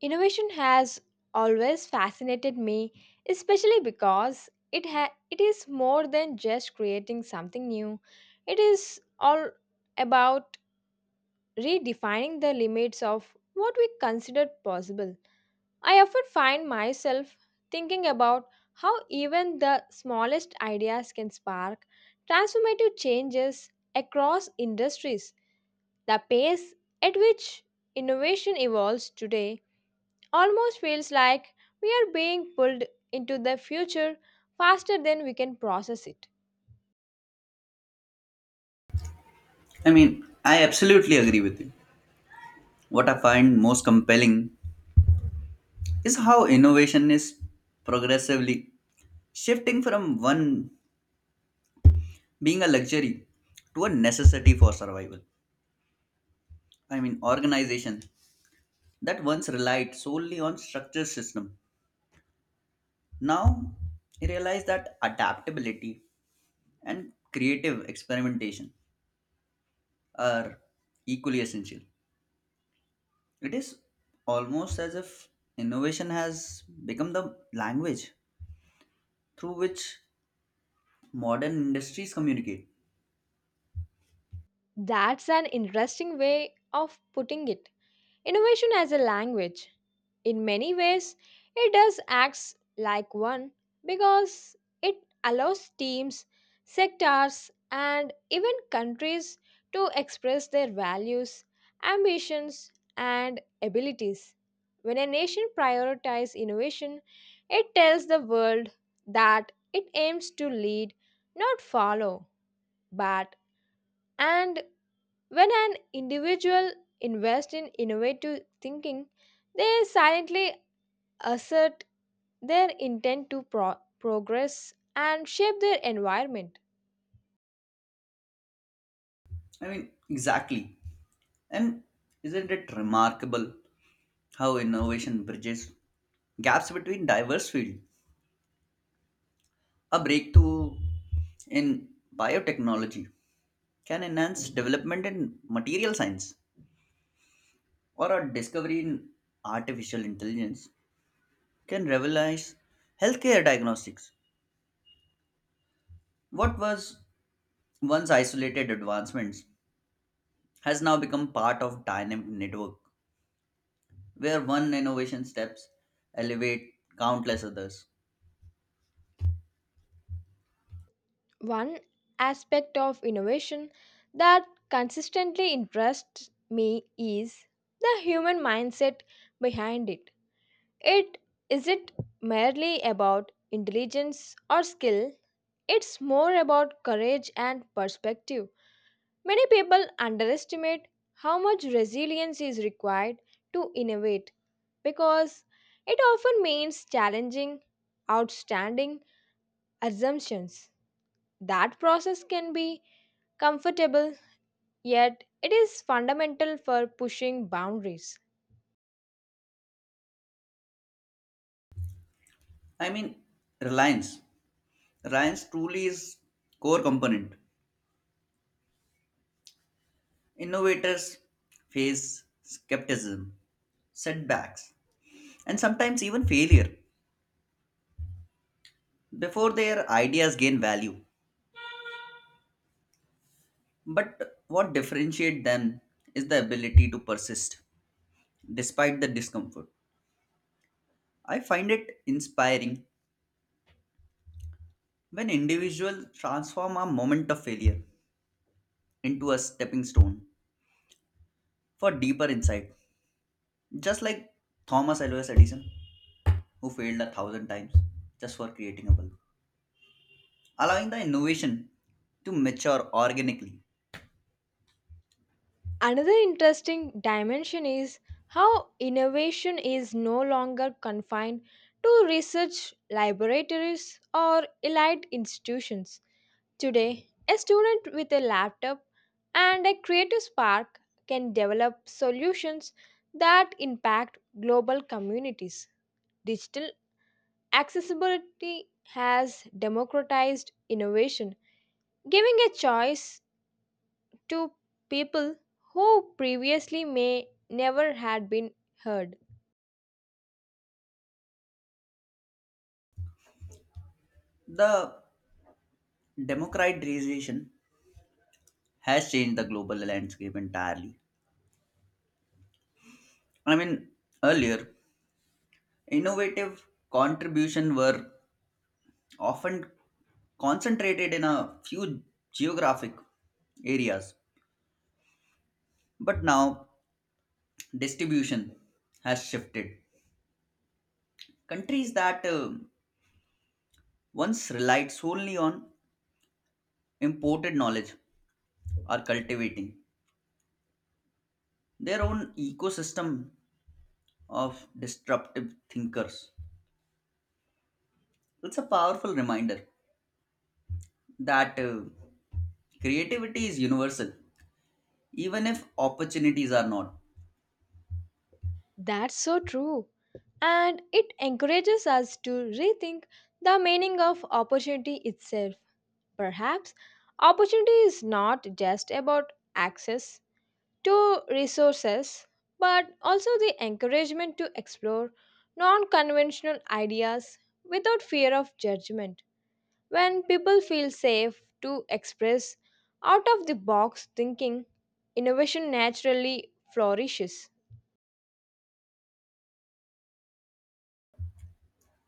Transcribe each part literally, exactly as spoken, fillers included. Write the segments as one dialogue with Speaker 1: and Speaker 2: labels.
Speaker 1: Innovation has always fascinated me, especially because it ha- it is more than just creating something new. It is all about redefining the limits of what we consider possible. I often find myself thinking about how even the smallest ideas can spark transformative changes across industries. The pace at which innovation evolves today almost feels like we are being pulled into the future faster than we can process it.
Speaker 2: I mean, I absolutely agree with you. What I find most compelling is how innovation is progressively shifting from one being a luxury to a necessity for survival. I mean, organizations that once relied solely on structured system now realize that adaptability and creative experimentation are equally essential. It is almost as if innovation has become the language through which modern industries communicate.
Speaker 1: That's an interesting way of putting it. Innovation as a language. In many ways, it does acts like one, because it allows teams, sectors, and even countries to express their values, ambitions, and abilities. When a nation prioritizes innovation, it tells the world that it aims to lead, not follow, but and when an individual invests in innovative thinking, they silently assert their intent to pro- progress and shape their environment.
Speaker 2: I mean, exactly. And isn't it remarkable how innovation bridges gaps between diverse fields? A breakthrough in biotechnology can enhance development in material science, or a discovery in artificial intelligence can revolutionize healthcare diagnostics. What was once isolated advancements has now become part of dynamic network where one innovation steps elevate countless others.
Speaker 1: One aspect of innovation that consistently interests me is the human mindset behind it. It isn't merely about intelligence or skill, it's more about courage and perspective. Many people underestimate how much resilience is required to innovate, because it often means challenging outstanding assumptions. That process can be comfortable, yet it is fundamental for pushing boundaries.
Speaker 2: I mean, Reliance. Reliance truly is core component. Innovators face skepticism, setbacks, and sometimes even failure before their ideas gain value. But what differentiates them is the ability to persist despite the discomfort. I find it inspiring when individuals transform a moment of failure into a stepping stone for deeper insight. Just like Thomas Alva Edison, who failed a thousand times just for creating a bulb, allowing the innovation to mature organically.
Speaker 1: Another interesting dimension is how innovation is no longer confined to research laboratories or elite institutions. Today, a student with a laptop and a creative spark can develop solutions that impact global communities. Digital accessibility has democratized innovation, giving a choice to people who previously may never had been heard.
Speaker 2: The democratization has changed the global landscape entirely. I mean, earlier, innovative contribution were often concentrated in a few geographic areas, but now distribution has shifted. Countries that uh, once relied solely on imported knowledge are cultivating their own ecosystem of disruptive thinkers. It's a powerful reminder that uh, creativity is universal, even if opportunities are not.
Speaker 1: That's so true. And it encourages us to rethink the meaning of opportunity itself. Perhaps opportunity is not just about access to resources, but also the encouragement to explore non conventional ideas without fear of judgment. When people feel safe to express out of the box thinking, innovation naturally flourishes.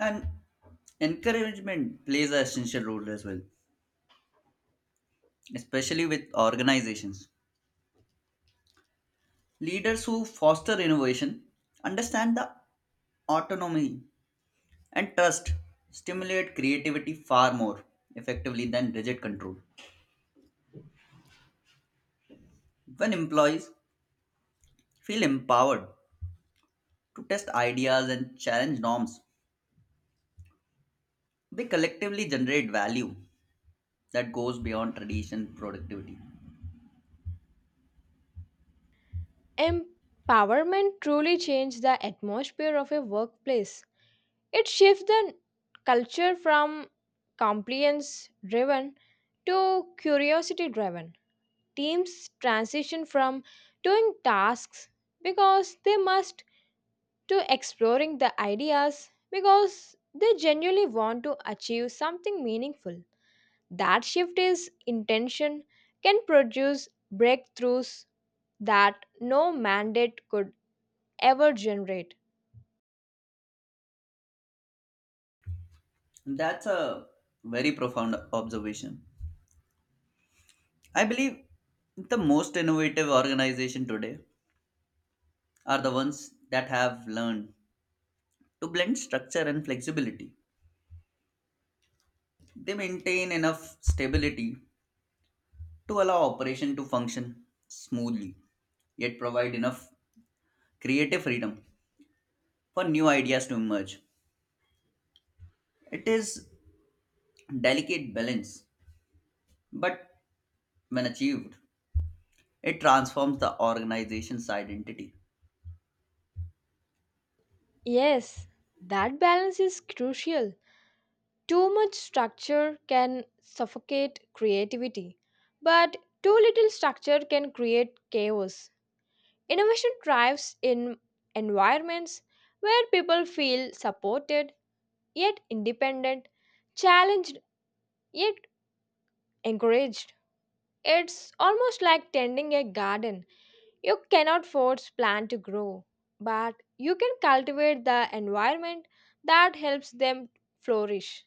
Speaker 2: And encouragement plays an essential role as well, especially with organizations. Leaders who foster innovation understand the autonomy and trust stimulate creativity far more effectively than rigid control. When employees feel empowered to test ideas and challenge norms, they collectively generate value that goes beyond tradition productivity.
Speaker 1: Empowerment truly changes the atmosphere of a workplace. It shifts the culture from compliance driven to curiosity driven. Teams transition from doing tasks because they must to exploring the ideas because they genuinely want to achieve something meaningful. That shift is intention can produce breakthroughs that no mandate could ever generate.
Speaker 2: That's a very profound observation. I believe the most innovative organization today are the ones that have learned to blend structure and flexibility. They maintain enough stability to allow operation to function smoothly yet provide enough creative freedom for new ideas to emerge. It is delicate balance, but when achieved, it transforms the organization's identity.
Speaker 1: Yes, that balance is crucial. Too much structure can suffocate creativity, but too little structure can create chaos. Innovation thrives in environments where people feel supported yet independent, challenged yet encouraged. It's almost like tending a garden. You cannot force plant to grow, but you can cultivate the environment that helps them flourish.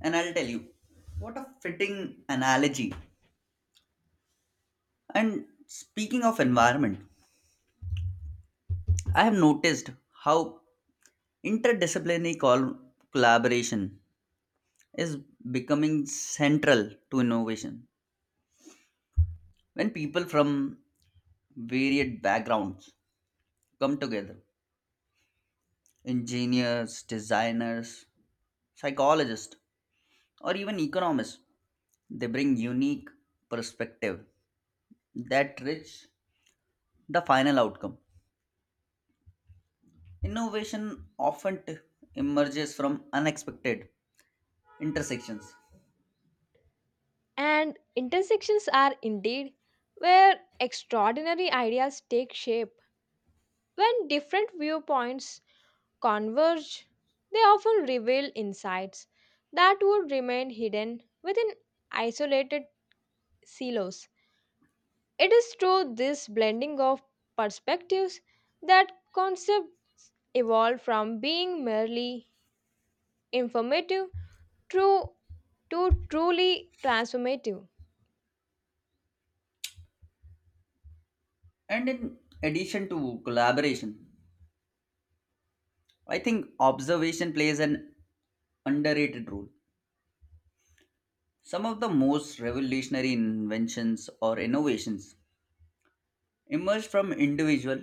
Speaker 2: And I'll tell you, what a fitting analogy. And speaking of environment, I have noticed how interdisciplinary col- collaboration is becoming central to innovation. When people from varied backgrounds come together engineers, designers, psychologists, or even economists. They bring unique perspective that rich the final outcome. Innovation often t- emerges from unexpected intersections.
Speaker 1: And intersections are indeed where extraordinary ideas take shape. When different viewpoints converge, they often reveal insights that would remain hidden within isolated silos. It is through this blending of perspectives that concepts evolve from being merely informative to, to truly transformative.
Speaker 2: And in addition to collaboration, I think observation plays an underrated role. Some of the most revolutionary inventions or innovations emerged from individual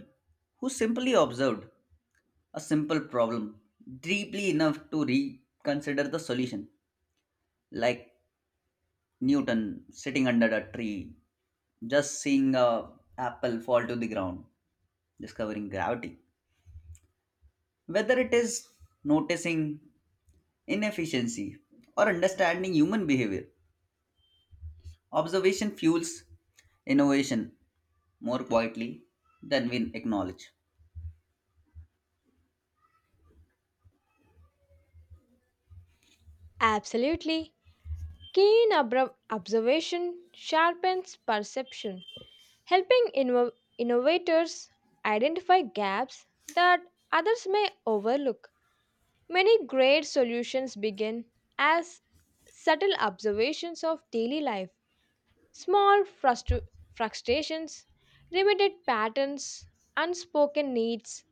Speaker 2: who simply observed a simple problem deeply enough to reconsider the solution, like Newton sitting under a tree just seeing a apple fall to the ground, discovering gravity. Whether it is noticing inefficiency or understanding human behavior, observation fuels innovation more quietly than we acknowledge.
Speaker 1: Absolutely. Keen obra- observation sharpens perception, helping inno- innovators identify gaps that others may overlook. Many great solutions begin as subtle observations of daily life, small frustru- frustrations, repeated patterns, unspoken needs.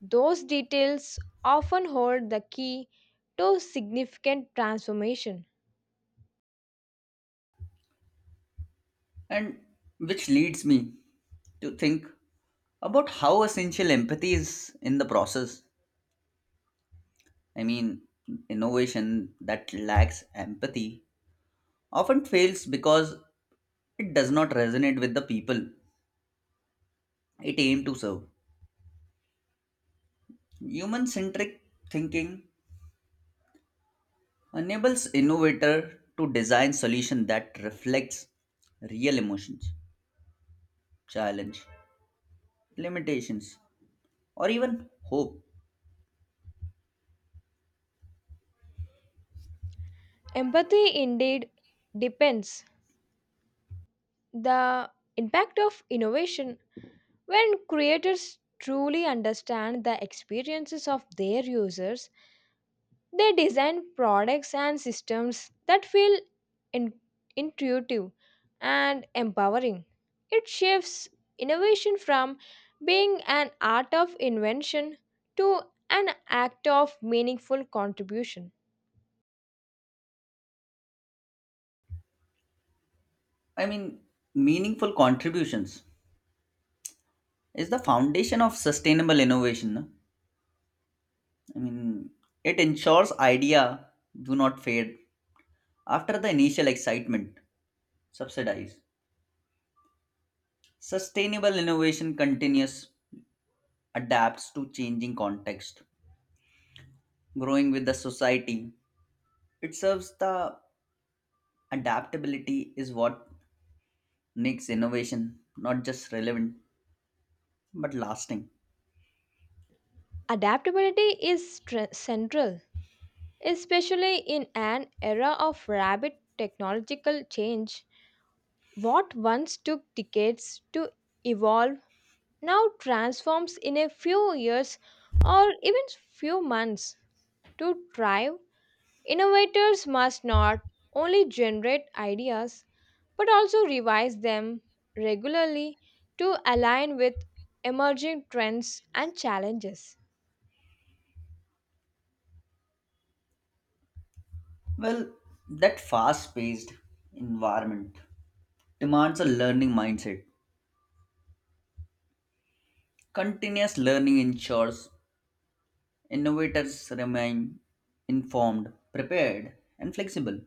Speaker 1: Those details often hold the key to significant transformation.
Speaker 2: And which leads me to think about how essential empathy is in the process. I mean, innovation that lacks empathy often fails because it does not resonate with the people it aimed to serve. Human centric thinking enables innovator to design solution that reflects real emotions, challenge, limitations, or even hope.
Speaker 1: Empathy indeed depends the impact of innovation. When creators truly understand the experiences of their users, they design products and systems that feel in- intuitive and empowering. It shifts innovation from being an art of invention to an act of meaningful contribution.
Speaker 2: I mean, meaningful contributions is the foundation of sustainable innovation. No? I mean, it ensures idea do not fade after the initial excitement, subsidize. Sustainable innovation continues, adapts to changing context, growing with the society. It serves the adaptability is what makes innovation not just relevant but lasting.
Speaker 1: Adaptability is tr- central. Especially in an era of rapid technological change, what once took decades to evolve now transforms in a few years, or even few months. To thrive, innovators must not only generate ideas but also revise them regularly to align with emerging trends and challenges.
Speaker 2: Well, that fast-paced environment demands a learning mindset. Continuous learning ensures Innovators remain informed, prepared, and flexible.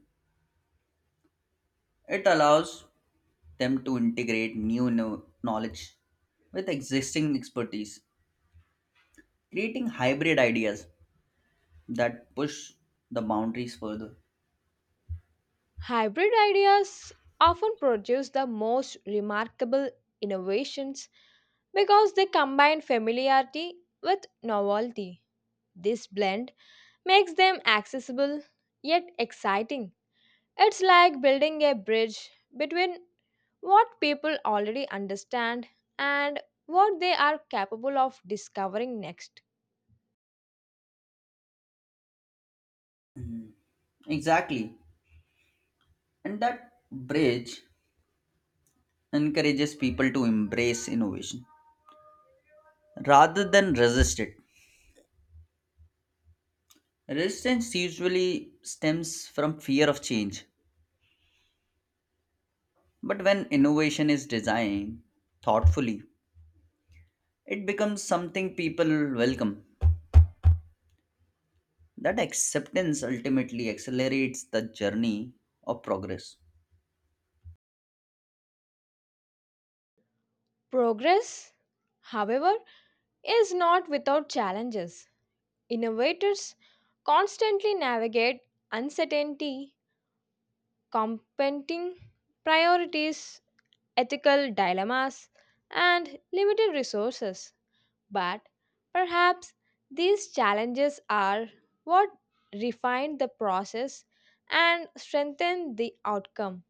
Speaker 2: It allows them to integrate new kno- knowledge with existing expertise, creating hybrid ideas that push the boundaries further.
Speaker 1: Hybrid ideas often produce the most remarkable innovations because they combine familiarity with novelty. This blend makes them accessible yet exciting. It's like building a bridge between what people already understand and what they are capable of discovering next.
Speaker 2: Exactly. And that bridge encourages people to embrace innovation rather than resist it. Resistance usually stems from fear of change, but when innovation is designed thoughtfully, it becomes something people welcome. That acceptance ultimately accelerates the journey of progress.
Speaker 1: Progress, however, is not without challenges. Innovators constantly navigate uncertainty, competing priorities, ethical dilemmas, and limited resources. But perhaps these challenges are what refine the process and strengthen the outcome.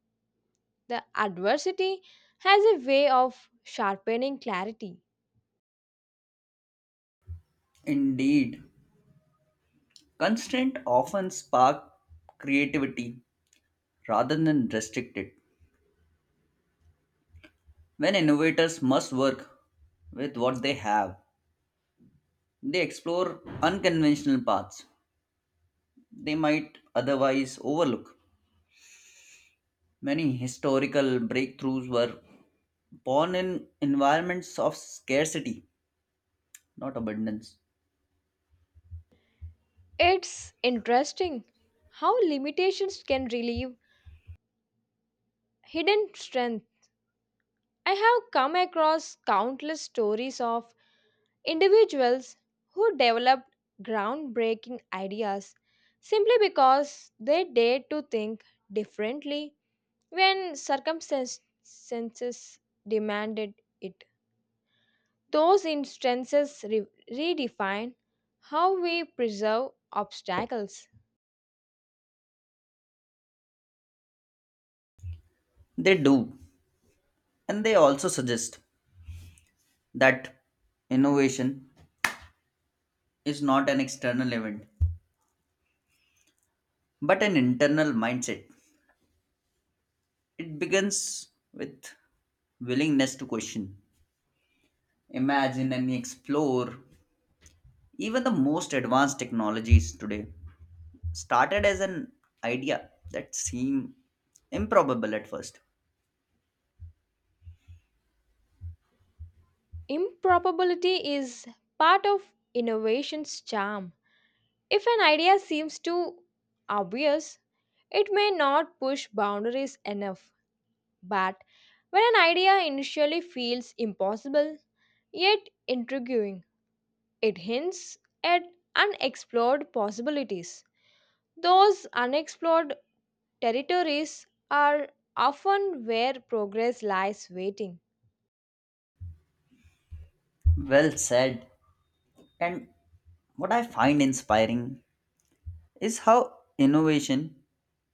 Speaker 1: The adversity has a way of sharpening clarity.
Speaker 2: Indeed, constraint often spark creativity rather than restrict it. When innovators must work with what they have, they explore unconventional paths they might otherwise overlook. Many historical breakthroughs were born in environments of scarcity, not abundance.
Speaker 1: It's interesting how limitations can relieve hidden strengths. I have come across countless stories of individuals who developed groundbreaking ideas simply because they dared to think differently when circumstances demanded it. Those instances re- redefine how we preserve obstacles.
Speaker 2: They do. And they also suggest that innovation is not an external event, but an internal mindset. It begins with willingness to question, imagine, and explore. Even the most advanced technologies today started as an idea that seemed improbable at first.
Speaker 1: Improbability is part of innovation's charm. If an idea seems too obvious, it may not push boundaries enough. But when an idea initially feels impossible yet intriguing, it hints at unexplored possibilities. Those unexplored territories are often where progress lies waiting.
Speaker 2: Well said. And what I find inspiring is how innovation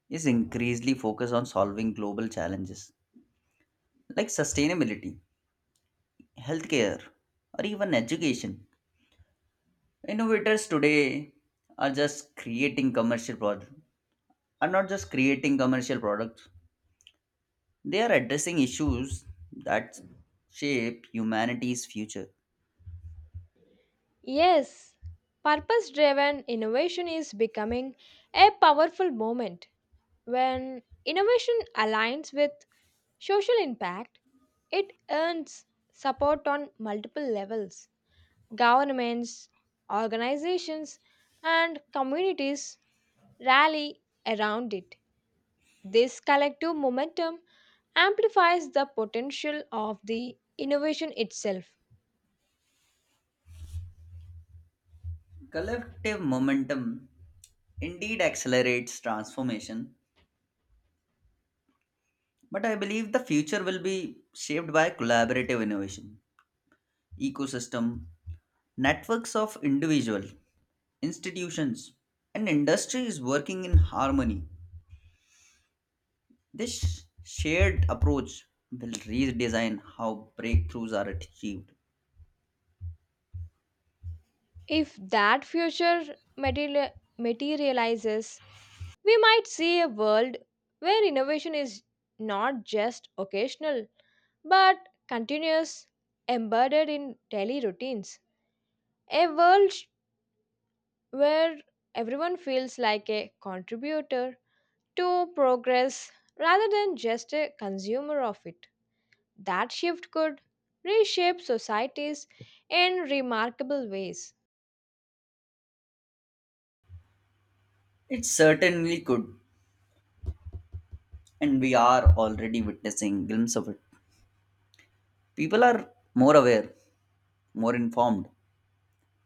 Speaker 2: is increasingly focused on solving global challenges like sustainability, healthcare, or even education. Innovators today are just creating commercial products, are not just creating commercial products. They are addressing issues that shape humanity's future.
Speaker 1: Yes, purpose driven innovation is becoming a powerful moment. When innovation aligns with social impact, it earns support on multiple levels. Governments, organizations, and communities rally around it. This collective momentum amplifies the potential of the innovation itself.
Speaker 2: Collective momentum indeed accelerates transformation, but I believe the future will be shaped by collaborative innovation, ecosystem, networks of individuals institutions and industries working in harmony. This shared approach will redesign how breakthroughs are achieved.
Speaker 1: If that future material- materializes, we might see a world where innovation is not just occasional but continuous, embedded in daily routines. A world sh- where everyone feels like a contributor to progress rather than just a consumer of it. That shift could reshape societies in remarkable ways.
Speaker 2: It certainly could, and we are already witnessing glimpses of it. People are more aware, more informed,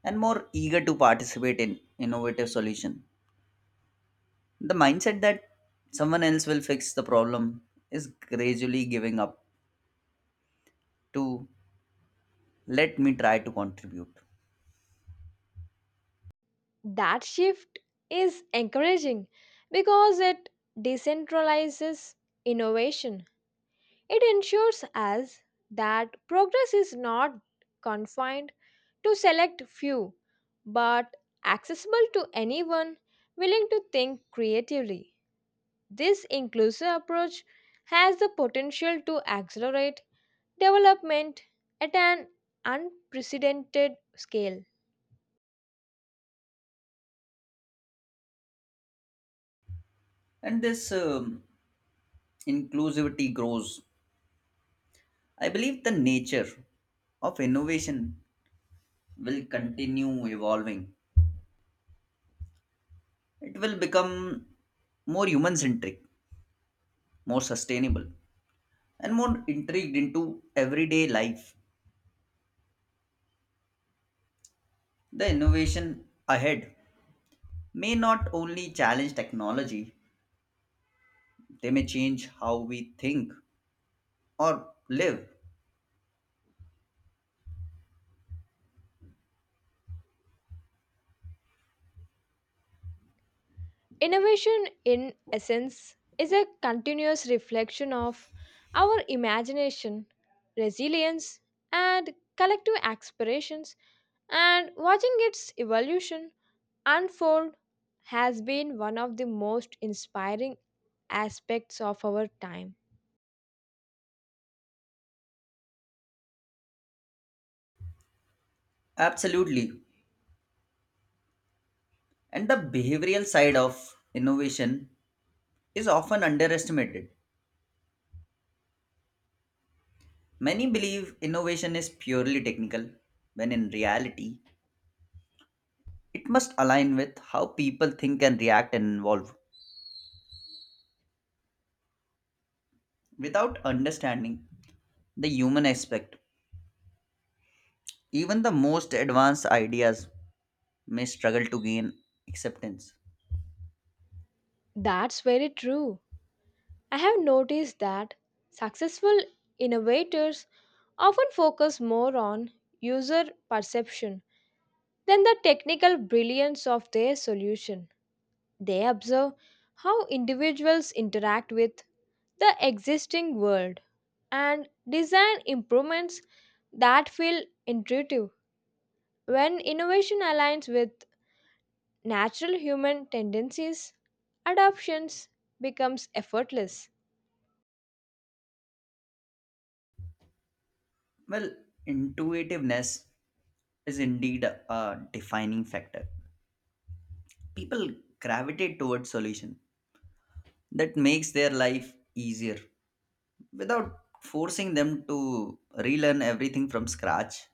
Speaker 2: and more eager to participate in innovative solution. The mindset that someone else will fix the problem is gradually giving up to let me try to contribute.
Speaker 1: That shift is encouraging because it decentralizes innovation. It ensures us that progress is not confined to select few, but accessible to anyone willing to think creatively. This inclusive approach has the potential to accelerate development at an unprecedented scale.
Speaker 2: And this um, inclusivity grows, I believe the nature of innovation will continue evolving. It will become more human centric, more sustainable, and more intrigued into everyday life. The innovation ahead may not only challenge technology, they may change how we think or live.
Speaker 1: Innovation, in essence, is a continuous reflection of our imagination, resilience, and collective aspirations, and watching its evolution unfold has been one of the most inspiring aspects of our time.
Speaker 2: Absolutely. And the behavioral side of innovation is often underestimated. Many believe innovation is purely technical, when in reality, it must align with how people think and react and evolve. Without understanding the human aspect, even the most advanced ideas may struggle to gain acceptance.
Speaker 1: That's very true. I have noticed that successful innovators often focus more on user perception than the technical brilliance of their solution. They observe how individuals interact with the existing world and design improvements that feel intuitive. When innovation aligns with natural human tendencies, adoptions becomes effortless.
Speaker 2: Well, intuitiveness is indeed a a defining factor. People gravitate towards solution that makes their life easier without forcing them to relearn everything from scratch.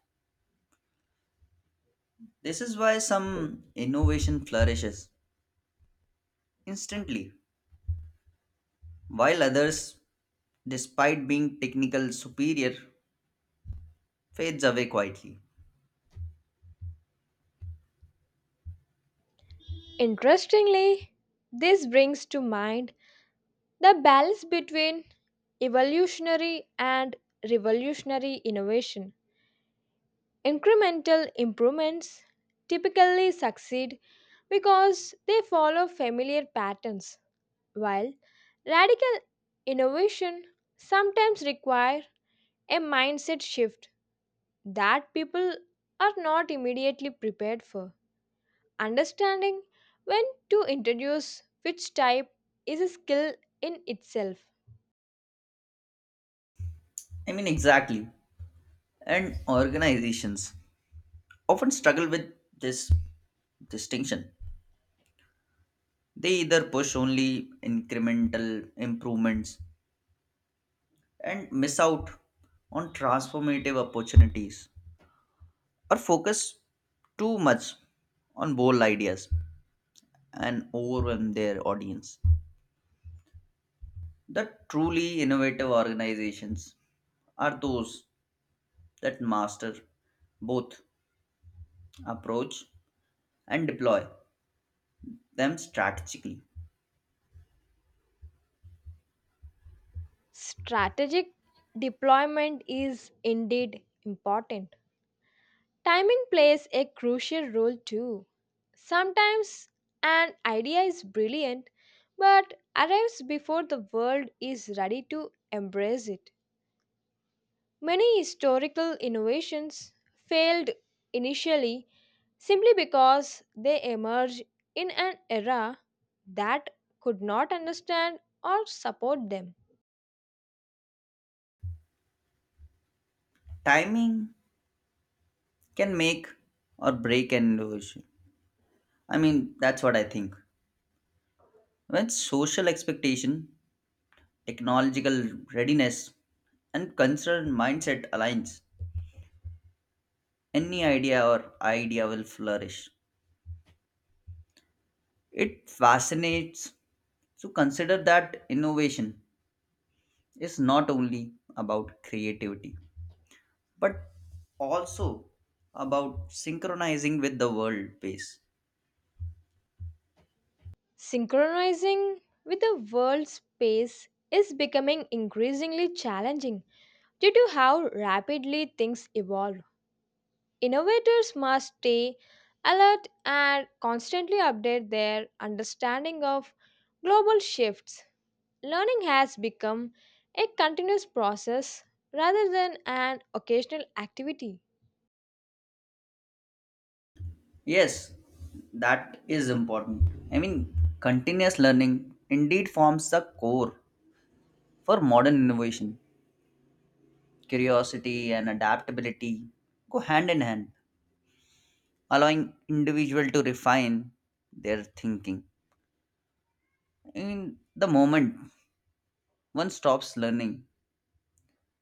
Speaker 2: This is why some innovation flourishes instantly, while others, despite being technical superior, fades away quietly.
Speaker 1: Interestingly, this brings to mind the balance between evolutionary and revolutionary innovation. Incremental improvements typically succeed because they follow familiar patterns, while radical innovation sometimes require a mindset shift that people are not immediately prepared for. Understanding when to introduce which type is a skill in itself.
Speaker 2: I mean, exactly. And organizations often struggle with this distinction. They either push only incremental improvements and miss out on transformative opportunities, or focus too much on bold ideas and overwhelm their audience. The truly innovative organizations are those that master both approach and deploy them strategically.
Speaker 1: Strategic deployment is indeed important. Timing plays a crucial role too. Sometimes an idea is brilliant but arrives before the world is ready to embrace it. Many historical innovations failed initially simply because they emerged in an era that could not understand or support them.
Speaker 2: Timing can make or break an innovation. I mean, that's what I think. When social expectation, technological readiness, and cultural mindset aligns, any idea or idea will flourish. It fascinates to consider that innovation is not only about creativity, but also about synchronizing with the world pace.
Speaker 1: Synchronizing with the world's pace is becoming increasingly challenging. Due to how rapidly things evolve, innovators must stay alert and constantly update their understanding of global shifts. Learning has become a continuous process rather than an occasional activity.
Speaker 2: Yes, that is important. I mean, continuous learning indeed forms the core for modern innovation. Curiosity and adaptability go hand in hand, allowing individual to refine their thinking. In the moment one stops learning,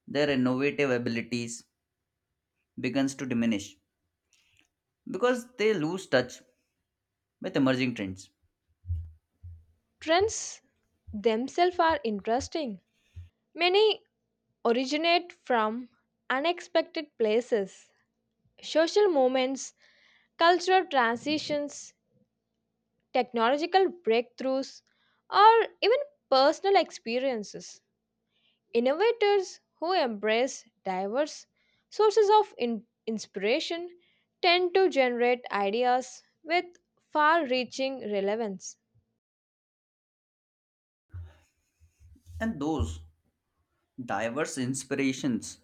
Speaker 2: their innovative abilities begins to diminish, because they lose touch with emerging trends.
Speaker 1: Trends themselves are interesting. Many originate from unexpected places, social movements, cultural transitions, technological breakthroughs, or even personal experiences. Innovators who embrace diverse sources of in- inspiration tend to generate ideas with far reaching relevance.
Speaker 2: And those diverse inspirations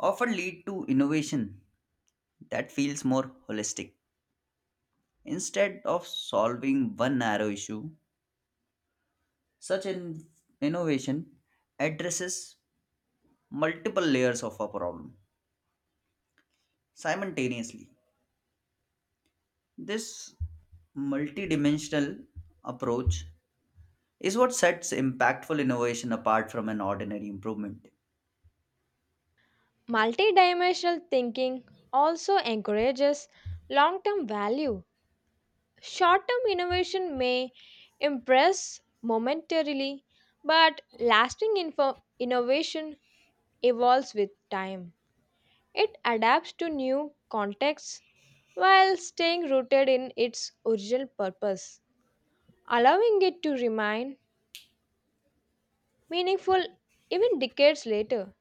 Speaker 2: often lead to innovation that feels more holistic. Instead of solving one narrow issue, such an innovation addresses multiple layers of a problem simultaneously. This multidimensional approach is what sets impactful innovation apart from an ordinary improvement.
Speaker 1: Multidimensional thinking also encourages long term value. Short term innovation may impress momentarily, but lasting info- innovation evolves with time. It adapts to new contexts while staying rooted in its original purpose, allowing it to remain meaningful even decades later.